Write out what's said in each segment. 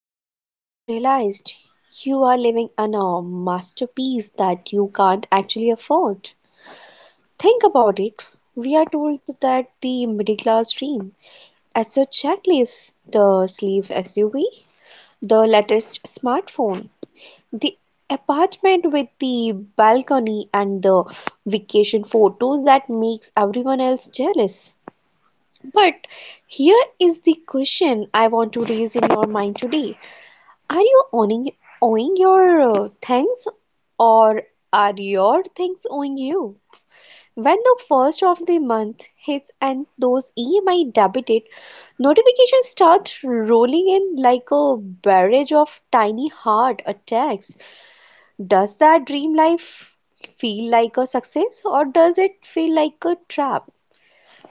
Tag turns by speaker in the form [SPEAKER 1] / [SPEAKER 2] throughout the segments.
[SPEAKER 1] life and realized you are living on a masterpiece that you can't actually afford? Think about it. We are told that the middle class dream as a checklist, the sleeve SUV, the latest smartphone, the apartment with the balcony, and the vacation photos that makes everyone else jealous. But here is the question I want to raise in your mind today. Are you owning owing your things or are your things owing you? When the first of the month hits and those EMI debited notifications start rolling in like a barrage of tiny heart attacks. Does that dream life feel like a success or does it feel like a trap?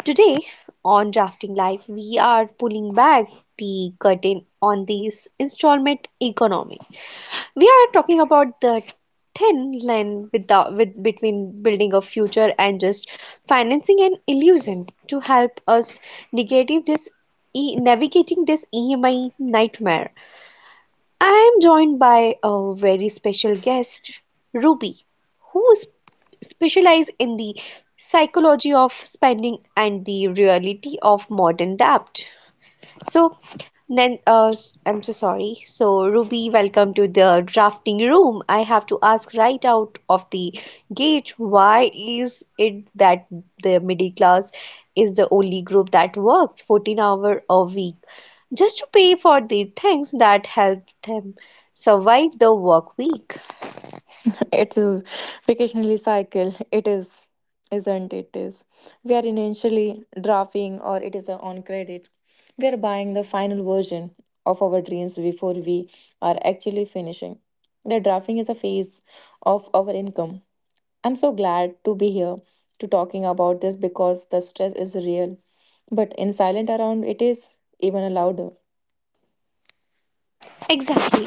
[SPEAKER 1] Today on Drafting Life, we are pulling back the curtain on this installment economy. We are talking about the thin line between building a future and just financing an illusion to help us negative this navigating this EMI nightmare. I am joined by a very special guest, Ruby, who is specializes in the psychology of spending and the reality of modern debt. So, I'm so sorry. So, Ruby, welcome to the drafting room. I have to ask right out of the gate, why is it that the middle class is the only group that works 14 hours a week just to pay for the things that help them survive the work week?
[SPEAKER 2] It's a vacationally cycle. It is, isn't it? Is, we are initially drafting, or it is a on credit. We are buying the final version of our dreams before we are actually finishing. The drafting is a phase of our income. I'm so glad to be here to talking about this because the stress is real, but in silent around it is even louder.
[SPEAKER 1] Exactly.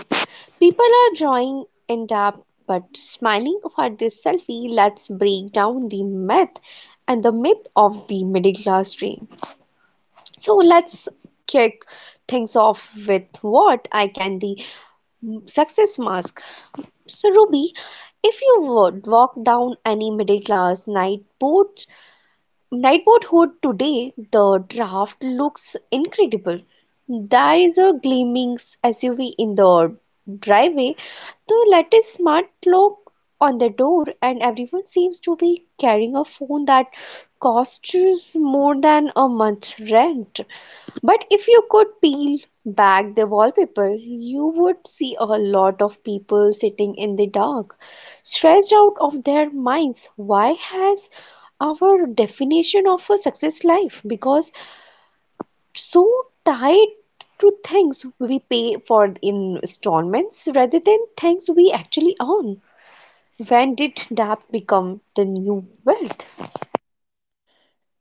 [SPEAKER 1] People are drawing in depth but smiling for this selfie. Let's break down the myth and the myth of the middle class dream. So let's kick things off with what I can the success mask. So Ruby, if you would walk down any middle class night boathood today, the draft looks incredible. There is a gleaming SUV in the driveway. The latest smart clock on the door, and everyone seems to be carrying a phone that costs more than a month's rent. But if you could peel back the wallpaper, you would see a lot of people sitting in the dark, stressed out of their minds. Why has our definition of a success life because so tied to things we pay for in installments rather than things we actually own? When did debt become the new wealth?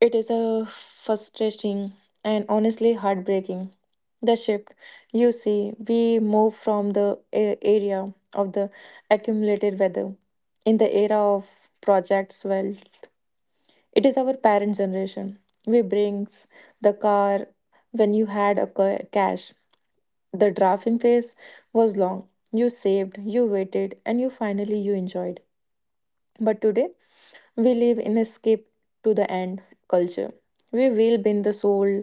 [SPEAKER 2] It is a frustrating and honestly heartbreaking. The shift, you see, we move from the area of the accumulated weather in the era of projects wealth. It is our parent generation. We brings the car when you had a cash. The drafting phase was long. You saved, you waited, and you finally you enjoyed. But today, we live in escape to the end culture. We will bend the soul,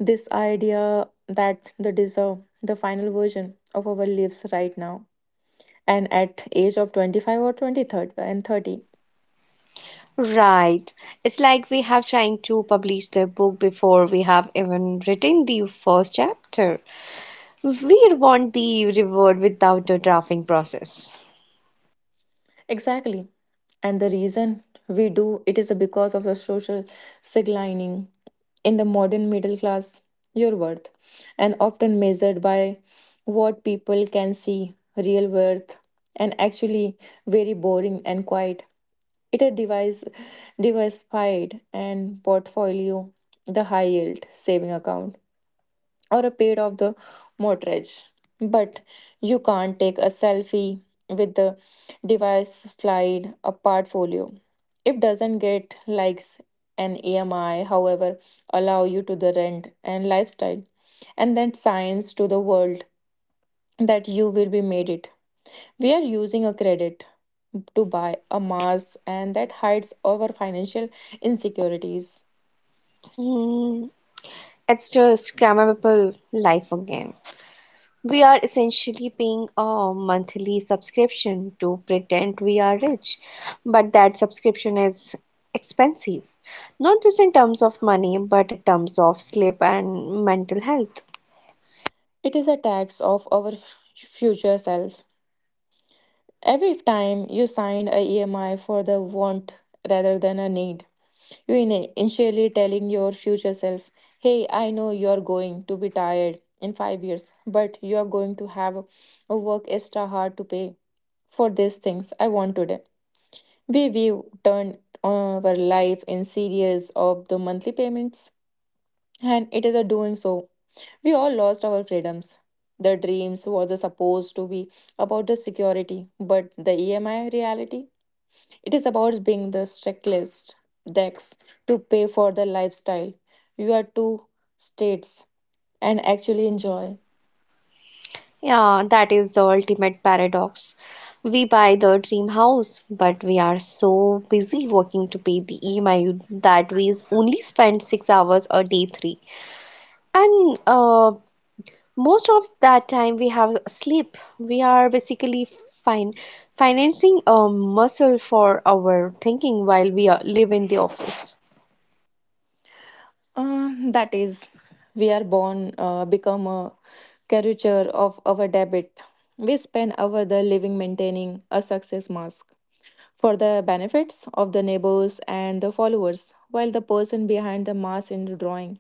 [SPEAKER 2] this idea that the deserve, the final version of our lives right now. And at age of 25 or 23rd and 30.
[SPEAKER 1] Right. It's like we have trying to publish the book before we have even written the first chapter. We want the reward without the drafting process.
[SPEAKER 2] Exactly. And the reason we do it is because of the social signaling in the modern middle class, your worth, and often measured by what people can see, real worth, and actually very boring and quiet. It a device diversified and portfolio, the high yield saving account, or a paid off the mortgage. But you can't take a selfie with the device, diversified a portfolio. It doesn't get likes, and EMI, however, allow you to the rent and lifestyle, and then signs to the world that you will be made it. We are using a credit to buy a mask, and that hides our financial insecurities.
[SPEAKER 1] Hmm, it's just grammable life again. We are essentially paying a monthly subscription to pretend we are rich, but that subscription is expensive. Not just in terms of money, but in terms of sleep and mental health.
[SPEAKER 2] It is a tax of our future self. Every time you sign a EMI for the want rather than a need, you in initially telling your future self, "Hey, I know you are going to be tired in 5 years, but you are going to have a work extra hard to pay for these things I want today." We turn our life in series of the monthly payments, and it is a doing so. We all lost our freedoms. The dreams was supposed to be about the security, but the EMI reality, it is about being the checklist decks to pay for the lifestyle. You are two states and actually enjoy.
[SPEAKER 1] Yeah, that is the ultimate paradox. We buy the dream house, but we are so busy working to pay the EMI that we only spend six hours a day three. And most of that time we have sleep. We are basically fine financing a muscle for our thinking while we are, live in the office.
[SPEAKER 2] That is, we are born become a caricature of our debit. We spend our the living maintaining a success mask for the benefits of the neighbors and the followers, while the person behind the mask in the drawing.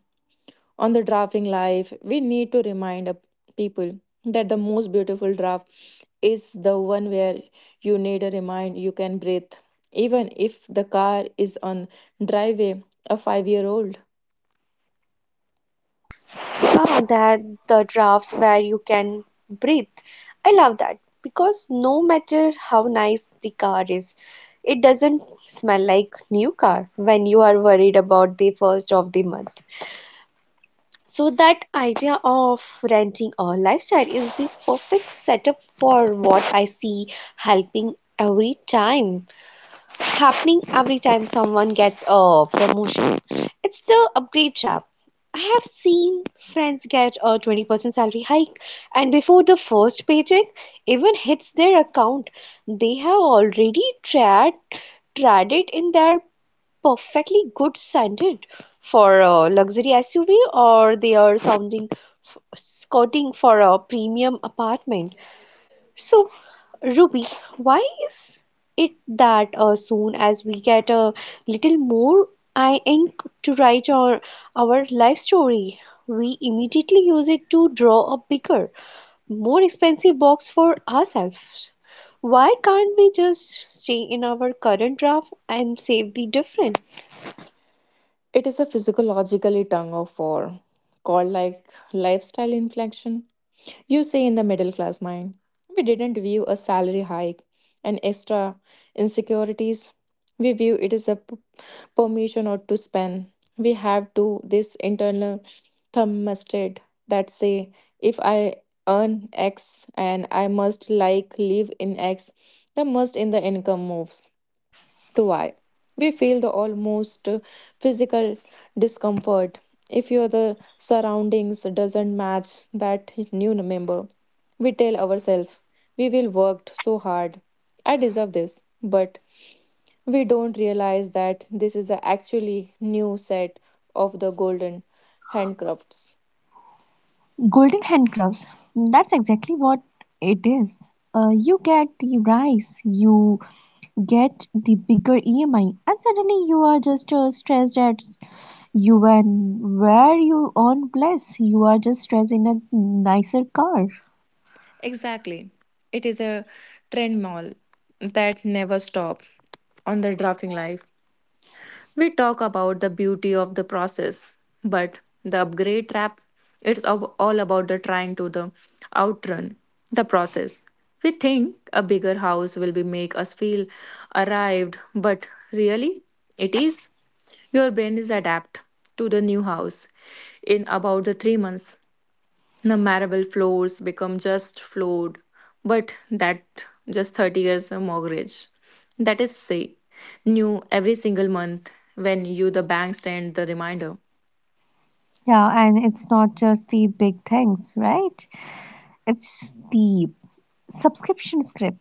[SPEAKER 2] On the drafting life, we need to remind a people that the most beautiful draft is the one where you need a remind you can breathe. Even if the car is on driveway, a 5 year old.
[SPEAKER 1] Ah, that the drafts where you can breathe. I love that because no matter how nice the car is, it doesn't smell like new car when you are worried about the first of the month. So that idea of renting a lifestyle is the perfect setup for what I see helping every time happening every time someone gets a promotion. It's the upgrade trap. I have seen friends get a 20% salary hike, and before the first paycheck even hits their account, they have already tried, tried it in their perfectly good standard for a luxury SUV or they are sounding scouting for a premium apartment. So Ruby, why is it that soon as we get a little more I ink to write our life story, we immediately use it to draw a bigger, more expensive box for ourselves? Why can't we just stay in our current draft and save the difference?
[SPEAKER 2] It is a physiologically tongue of war called like lifestyle inflection. You say in the middle class mind, we didn't view a salary hike and extra insecurities. We view it as a permission or to spend. We have to this internal thermostat that say, if I earn X and I must like live in X, the must in the income moves to why we feel the almost physical discomfort if your the surroundings doesn't match that new member. We tell ourselves we will worked so hard, I deserve this, but we don't realize that this is the actually new set of the golden handcrafts.
[SPEAKER 1] Golden handcuffs. That's exactly what it is. You get the rice, you get the bigger EMI, and suddenly you are just stressed at you and where you own place. You are just stressed in a nicer car.
[SPEAKER 2] Exactly. It is a trend mall that never stop. On the drafting life, we talk about the beauty of the process, but the upgrade trap, it's all about the trying to the outrun the process. We think a bigger house will be make us feel arrived, but really it is. Your brain is adapt to the new house in about the 3 months. The marble floors become just floored, but that just 30 years a mortgage that is say new every single month when you the bank send the reminder.
[SPEAKER 1] Yeah, and it's not just the big things, right? It's the subscription script,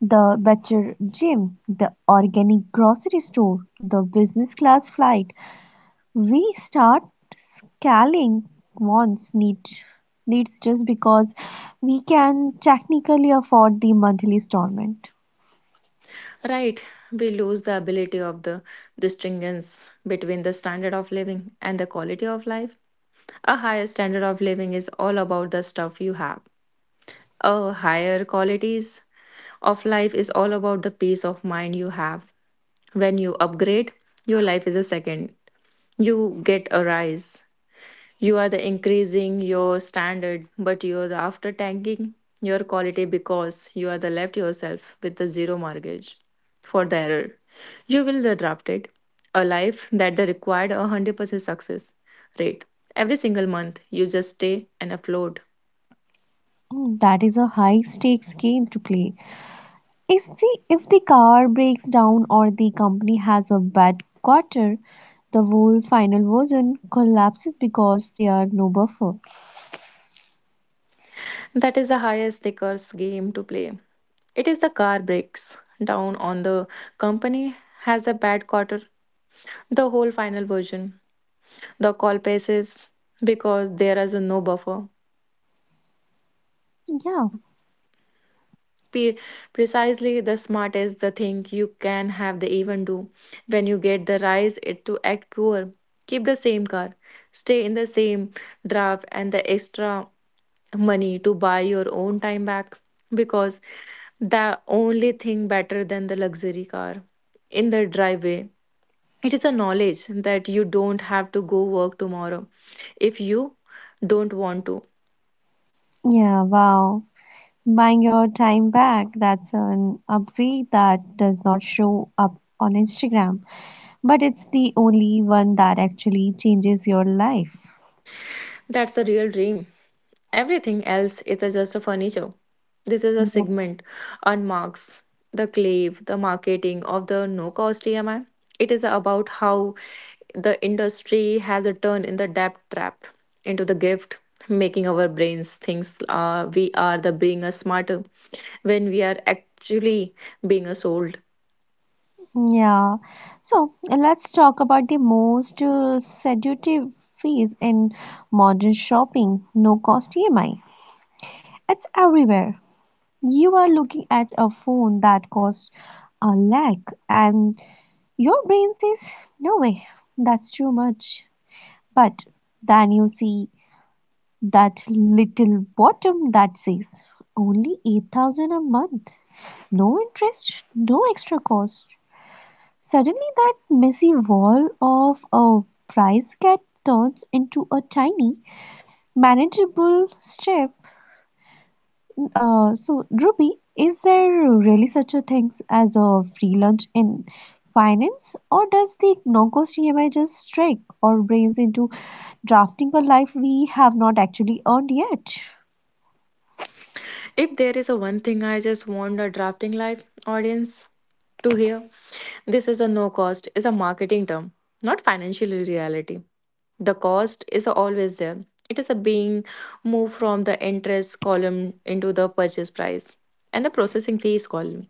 [SPEAKER 1] the better gym, the organic grocery store, the business class flight. We start scaling once need needs just because we can technically afford the monthly installment.
[SPEAKER 2] Right, we lose the ability of the distinguence between the standard of living and the quality of life. A higher standard of living is all about the stuff you have. A higher qualities of life is all about the peace of mind you have. When you upgrade, your life is a second. You get a rise. You are the increasing your standard, but you are the after tanking your quality because you are the left yourself with the zero mortgage for the error. You will the drafted a life that the required 100% success rate. Every single month, you just stay and afloat.
[SPEAKER 1] Mm, that is a high stakes game to play. Is the if the car breaks down or the company has a bad quarter, the whole final version collapses because there are no buffer.
[SPEAKER 2] That is the highest stakes game to play. It is the car breaks down on the company has a bad quarter, the whole final version. The call passes because there is no buffer.
[SPEAKER 1] Yeah,
[SPEAKER 2] P- Precisely the smartest the thing you can have the even do. When you get the rise it to act poor. Keep the same car, stay in the same draft, and the extra money to buy your own time back, because the only thing better than the luxury car in the driveway, it is a knowledge that you don't have to go work tomorrow if you don't want to.
[SPEAKER 1] yeah, wow. Buying your time back, that's an upgrade that does not show up on Instagram, but it's the only one that actually changes your life.
[SPEAKER 2] That's a real dream. Everything else is a just a furniture. This is a
[SPEAKER 1] Yeah.
[SPEAKER 2] segment on marks the clave the marketing of the no cost emi. It is about how the industry has a turn in the debt trap into the gift, making our brains think we are the being a smarter when we are actually being a sold.
[SPEAKER 1] Yeah. So let's talk about the most seductive phase in modern shopping, no cost EMI. It's everywhere. You are looking at a phone that costs a lakh, and your brain says, no way, that's too much. But then you see that little bottom that says only 8,000 a month. No interest, no extra cost. Suddenly, that messy wall of a price cat turns into a tiny, manageable step. So, Ruby, is there really such a thing as a free lunch in finance, or does the no-cost EMI just strike our brains into drafting a life we have not actually earned yet?
[SPEAKER 2] If there is a one thing I just want a drafting live audience to hear, this is a no cost is a marketing term, not financial reality. The cost is always there. It is a being moved from the interest column into the purchase price and the processing fees column.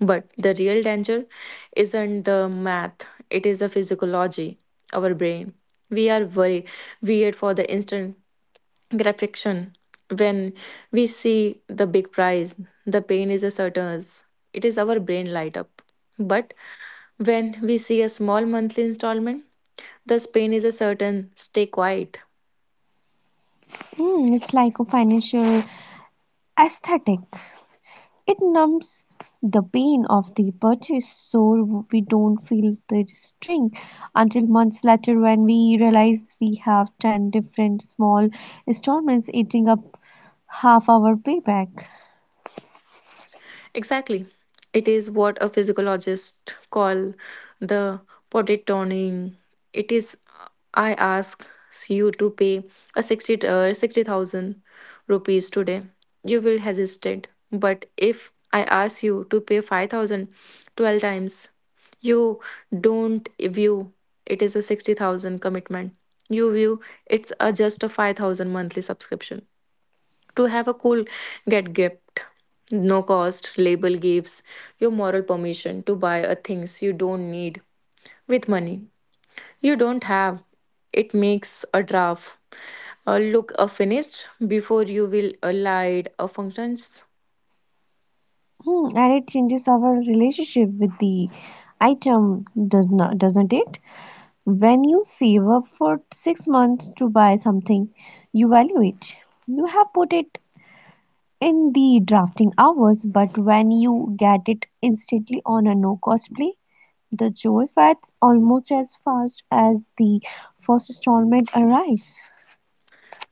[SPEAKER 2] But the real danger isn't the math, it is the physiology, our brain. We are very weird for the instant great friction. When we see the big prize, the pain is a certain. It is our brain light up. But when we see a small monthly installment, the pain is a certain. Stay quiet.
[SPEAKER 1] Hmm, it's like a financial aesthetic. It numbs the pain of the purchase so we don't feel the sting until months later when we realize we have 10 different small installments eating up half our payback.
[SPEAKER 2] Exactly. It is what a physiologist call the potty. It is, I ask you to pay a 60 uh, 60,000 rupees today, you will hesitate. But if I ask you to pay 5,000 12 times, you don't view it is a 60,000 commitment. You view it's a just a 5,000 monthly subscription. To have a cool get gift, no cost label gives you moral permission to buy a things you don't need with money you don't have. It makes a draft look finished before you will allied functions.
[SPEAKER 1] Hmm, and it changes our relationship with the item, doesn't it? When you save up for six months to buy something, you value it. You have put it in the drafting hours, but when you get it instantly on a no cost play, the joy fades almost as fast as the first installment arrives.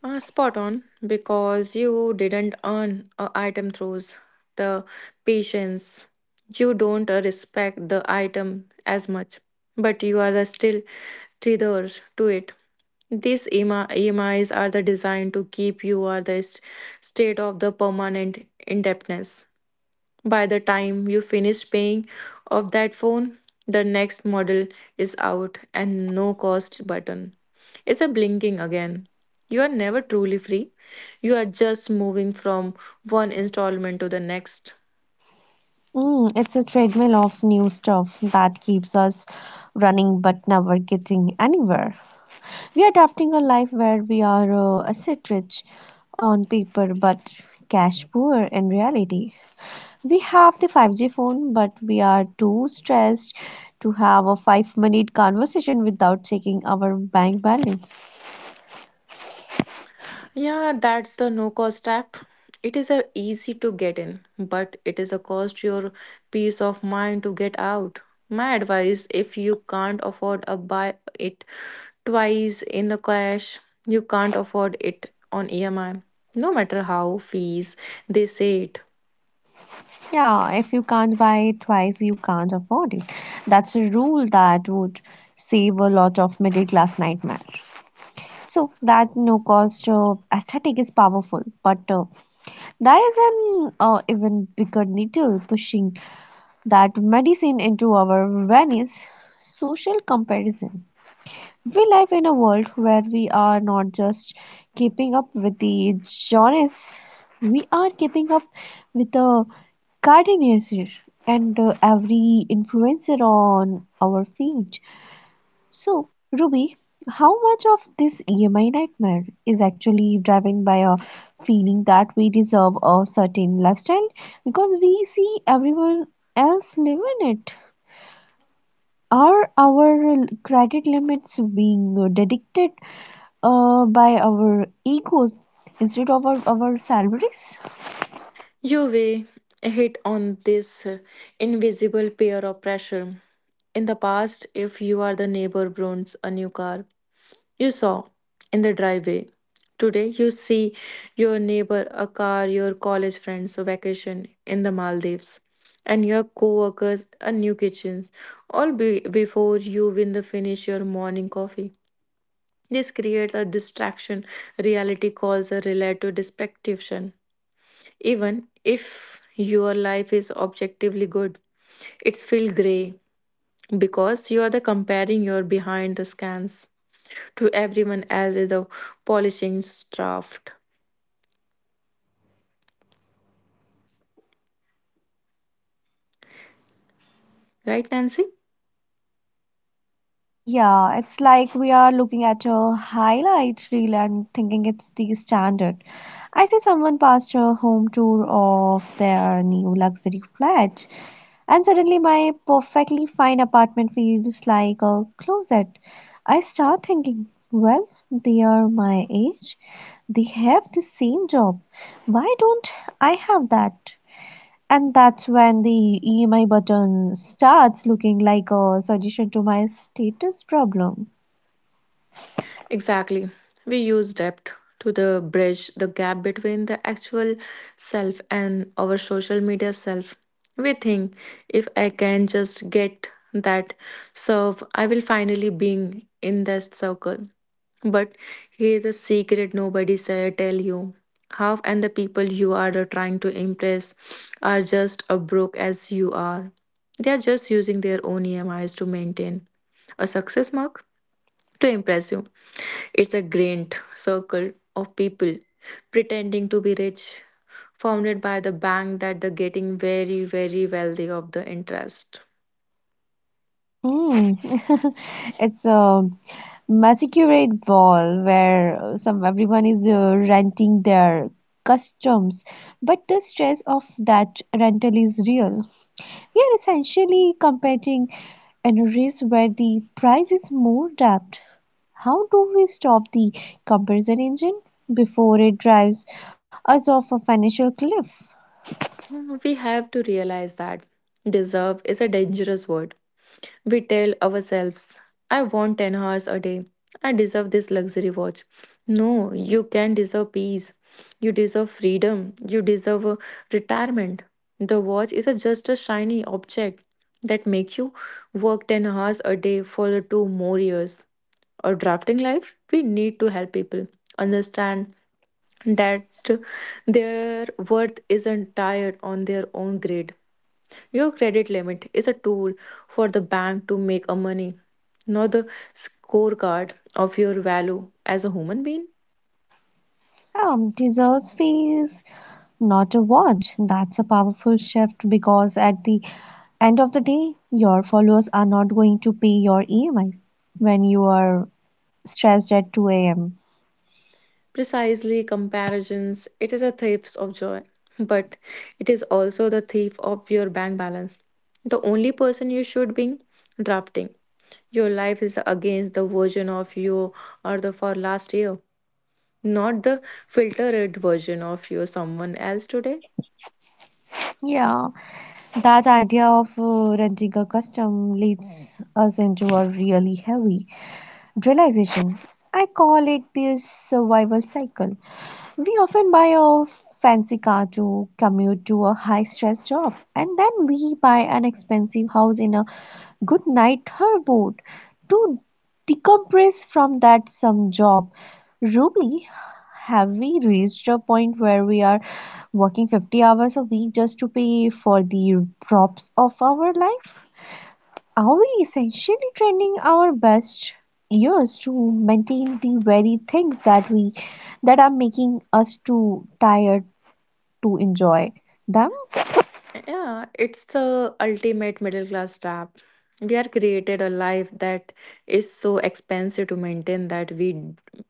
[SPEAKER 2] Spot on because you didn't earn a item throws the patience. You don't respect the item as much, but you are the still tethered to it. These EMIs are the designed to keep you are the state of the permanent indebtedness. By the time you finish paying off that phone, the next model is out and no cost button. It's a blinking again. You are never truly free. You are just moving from one installment to the next.
[SPEAKER 1] Mm, it's a treadmill of new stuff that keeps us running but never getting anywhere. We are drafting a life where we are asset rich on paper but cash poor in reality. We have the 5G phone, but we are too stressed to have a five-minute conversation without checking our bank balance.
[SPEAKER 2] Yeah, that's the no cost app. It is a easy to get in, but it is a cost your peace of mind to get out. My advice, if you can't afford a buy it twice in the cash, you can't afford it on EMI. No matter how fees they say it.
[SPEAKER 1] Yeah, if you can't buy it twice, you can't afford it. That's a rule that would save a lot of middle class nightmare. So, that no cost aesthetic is powerful, but there is an even bigger needle pushing that medicine into our veins social comparison. We live in a world where we are not just keeping up with the Joneses, we are keeping up with the Kardashians and every influencer on our feed. So, Ruby, how much of this EMI nightmare is actually driven by a feeling that we deserve a certain lifestyle because we see everyone else living it? Are our credit limits being dictated by our egos instead of our salaries.
[SPEAKER 2] You will hit on this invisible pair of pressure. In the past, if you are the neighbor browns a new car, you saw in the driveway. Today, you see your neighbor a car, your college friends a vacation in the Maldives, and your co-workers a new kitchen all before you win the finish your morning coffee. This creates a distraction reality calls a relative dispersion. Even if your life is objectively good, it's feel grey because you are the comparing your behind the scans to everyone else is a polishing draft. Right, Nancy?
[SPEAKER 1] Yeah, it's like we are looking at a highlight reel and thinking it's the standard. I see someone passed a home tour of their new luxury flat, and suddenly my perfectly fine apartment feels like a closet. I start thinking, well, they are my age, they have the same job. Why don't I have that? And that's when the EMI button starts looking like a solution to my status problem.
[SPEAKER 2] Exactly. We use depth to the bridge the gap between the actual self and our social media self. We think if I can just get that serve, I will finally being in that circle. But here's a secret nobody say tell you. Half and the people you are trying to impress are just a broke as you are. They are just using their own EMIs to maintain a success mark to impress you. It's a grand circle of people pretending to be rich, founded by the bank that they're getting very, very wealthy of the interest.
[SPEAKER 1] Mm. It's a masquerade ball where some everyone is renting their customs, but the stress of that rental is real. We are essentially competing in a race where the prize is more depth. How do we stop the comparison engine before it drives us off a financial cliff?
[SPEAKER 2] Hmm, we have to realize that deserve is a dangerous word. We tell ourselves, I want 10 hours a day. I deserve this luxury watch. No, you can deserve peace. You deserve freedom. You deserve a retirement. The watch is a, just a shiny object that makes you work 10 hours a day for the two more years. Or drafting life, we need to help people understand that their worth isn't tied on their own grade your credit limit is a tool for the bank to make a money, not the scorecard of your value as a human being.
[SPEAKER 1] Deserves fees, not a what. That's a powerful shift because at the end of the day, your followers are not going to pay your EMI when you are stressed at 2 a.m.
[SPEAKER 2] Precisely, comparisons, it is a thief of joy, but it is also the thief of your bank balance. The only person you should be drafting your life is against the version of you or the for last year, not the filtered version of you someone else today.
[SPEAKER 1] Yeah. That idea of renting a custom leads us into a really heavy realization. I call it the survival cycle. We often buy a fancy car to commute to a high stress job, and then we buy an expensive house in a good night Herbert. To decompress from that some job. Ruby, have we reached a point where we are working 50 hours a week just to pay for the props of our life? Are we essentially training our best years to maintain the very things that are making us too tired to enjoy them?
[SPEAKER 2] Yeah, it's the ultimate middle class trap. We are created a life that is so expensive to maintain that we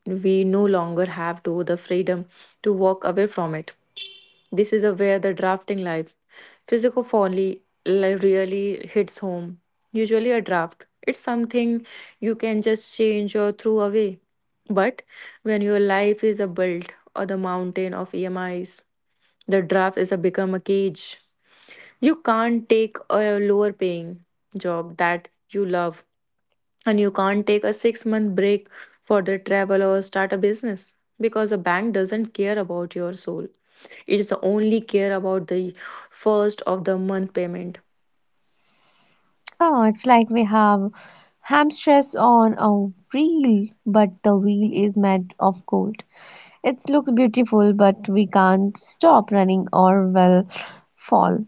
[SPEAKER 2] we no longer have to the freedom to walk away from it. This is a where the drafting life, physical really hits home. Usually a draft, it's something you can just change or throw away. But when your life is a build or the mountain of EMIs, the draft is a become a cage. You can't take a lower paying job that you love and you can't take a 6-month break for the travel or start a business because the bank doesn't care about your soul. It is only care about the first of the month payment.
[SPEAKER 1] Oh, it's like we have hamstress on a wheel, but the wheel is made of gold. It looks beautiful, but we can't stop running or will fall.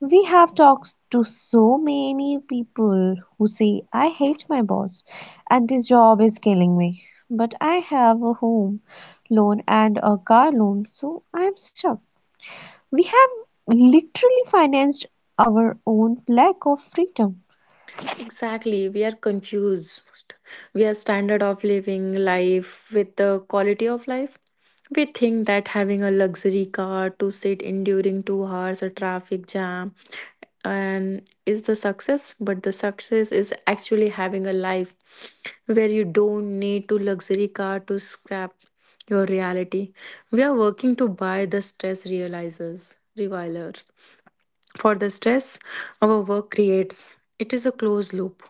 [SPEAKER 1] We have talked to so many people who say, I hate my boss and this job is killing me. But I have a home loan and a car loan, so I'm stuck. We have literally financed our own lack of freedom.
[SPEAKER 2] Exactly, we are confused. We are standard of living life with the quality of life. We think that having a luxury car to sit in during 2 hours a traffic jam and is the success, but the success is actually having a life where you don't need to luxury car to scrap your reality. We are working to buy the stress realizers, revilers for the stress our work creates. It is a closed loop.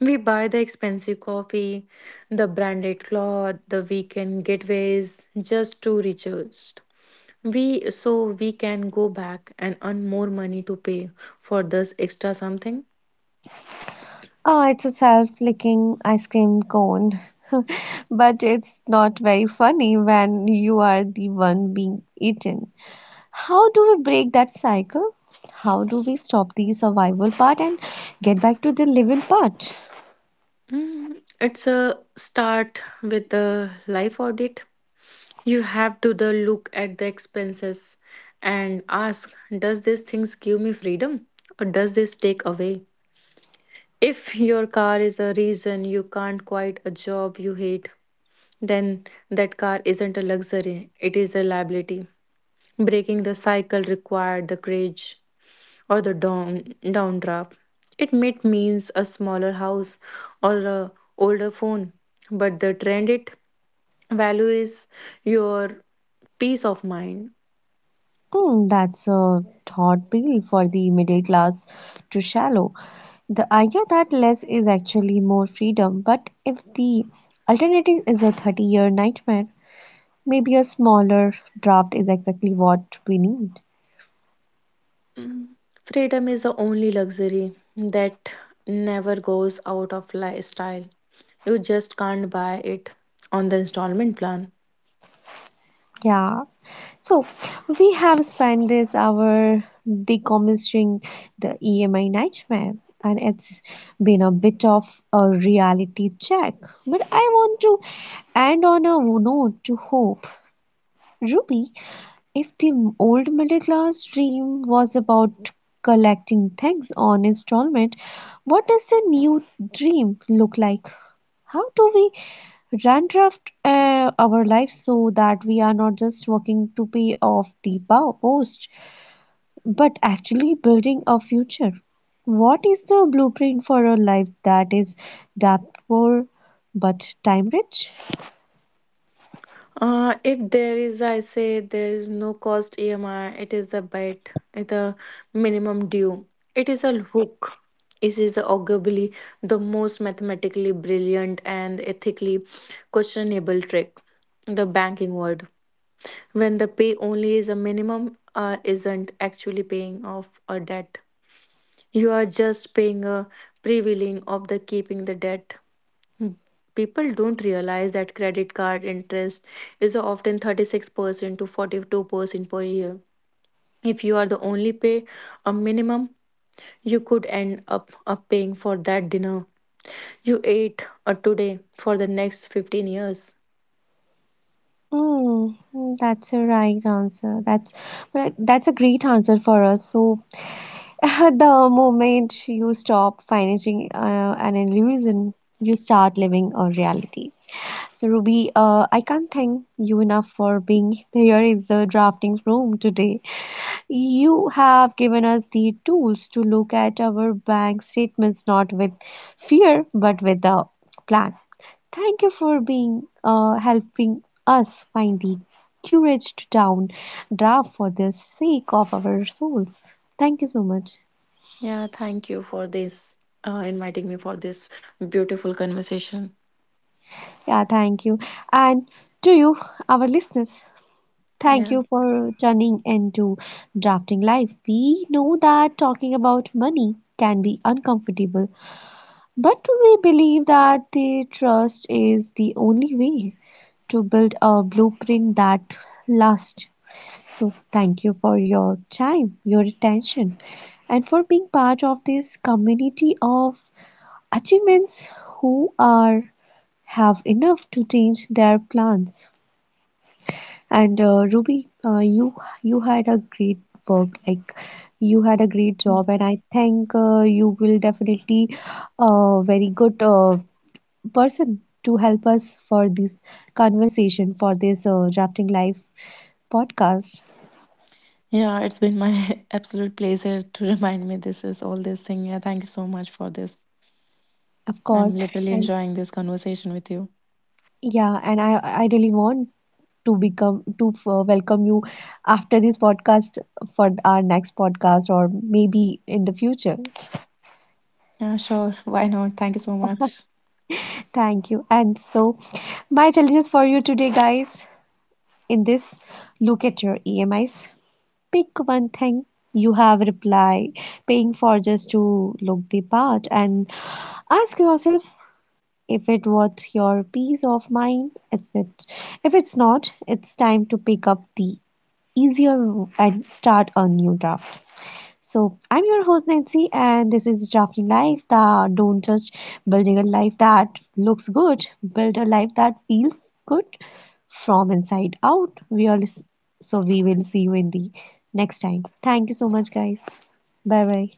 [SPEAKER 2] We buy the expensive coffee, the branded cloth, the weekend getaways just to recharge. We so we can go back and earn more money to pay for this extra something.
[SPEAKER 1] Oh, it's a self-licking ice cream cone. But it's not very funny when you are the one being eaten. How do we break that cycle? How do we stop the survival part and get back to the living part?
[SPEAKER 2] Mm, it's a start with the life audit. You have to the look at the expenses and ask, does these things give me freedom or does this take away? If your car is a reason you can't quit a job you hate, then that car isn't a luxury, it is a liability. Breaking the cycle required the courage or the downdraft. It might means a smaller house or a older phone, but the trend it value is your peace of mind.
[SPEAKER 1] Hmm, that's a thought pill for the middle class to shallow. The idea that less is actually more freedom, but if the alternative is a 30-year nightmare, maybe a smaller draft is exactly what we need.
[SPEAKER 2] Mm, freedom is the only luxury that never goes out of lifestyle. You just can't buy it on the installment plan.
[SPEAKER 1] Yeah, so we have spent this hour decommissioning the EMI nightmare, and it's been a bit of a reality check. But I want to end on a note to hope. Ruby, if the old middle class dream was about collecting things on installment, what does the new dream look like? How do we Dandruff our lives so that we are not just working to pay off the post, but actually building a future. What is the blueprint for a life that is dapper but time rich?
[SPEAKER 2] If there is, I say there is no cost EMI, it is a bet, the minimum due. It is a hook. It is arguably the most mathematically brilliant and ethically questionable trick, the banking world. When the pay only is a minimum or isn't actually paying off a debt. You are just paying a prevailing of the keeping the debt. People don't realize that credit card interest is often 36% to 42% per year. If you are the only pay a minimum, you could end up paying for that dinner you ate today for the next 15 years.
[SPEAKER 1] That's a right answer. That's a great answer for us. So the moment you stop financing an illusion, you start living a reality. So, Ruby, I can't thank you enough for being here in the drafting room today. You have given us the tools to look at our bank statements not with fear but with a plan. Thank you for being helping us find the courage to down draft for the sake of our souls. Thank you so much.
[SPEAKER 2] Yeah, thank you for this, inviting me for this beautiful conversation.
[SPEAKER 1] Yeah, thank you. And to you, our listeners, thank
[SPEAKER 2] Yeah.
[SPEAKER 1] you for turning into drafting life. We know that talking about money can be uncomfortable, but we believe that the trust is the only way to build a blueprint that lasts. So, thank you for your time, your attention, and for being part of this community of achievements who are have enough to change their plans. And Ruby, you had a great work, like you had a great job, and I think you will definitely a very good person to help us for this conversation for this drafting life podcast,
[SPEAKER 2] Yeah, it's been my absolute pleasure to remind me this is all this thing. Yeah, thank you so much for this.
[SPEAKER 1] of course.
[SPEAKER 2] I'm literally
[SPEAKER 1] And
[SPEAKER 2] enjoying this conversation with you.
[SPEAKER 1] yeah, and I really want to become to welcome you after this podcast for our next podcast or maybe in the future.
[SPEAKER 2] Yeah, sure. Why not? Thank you so much.
[SPEAKER 1] Thank you. And so, my challenges for you today, guys, in this look at your EMIs. Pick one thing you have reply paying for just to look the part and ask yourself if it worth your peace of mind is it if it's not it's time to pick up the easier and start a new draft. So, I'm your host Nancy, and this is Drafting Life. The don't just building a life that looks good, build a life that feels good from inside out. We all, so we will see you in the next time. Thank you so much, guys. Bye bye.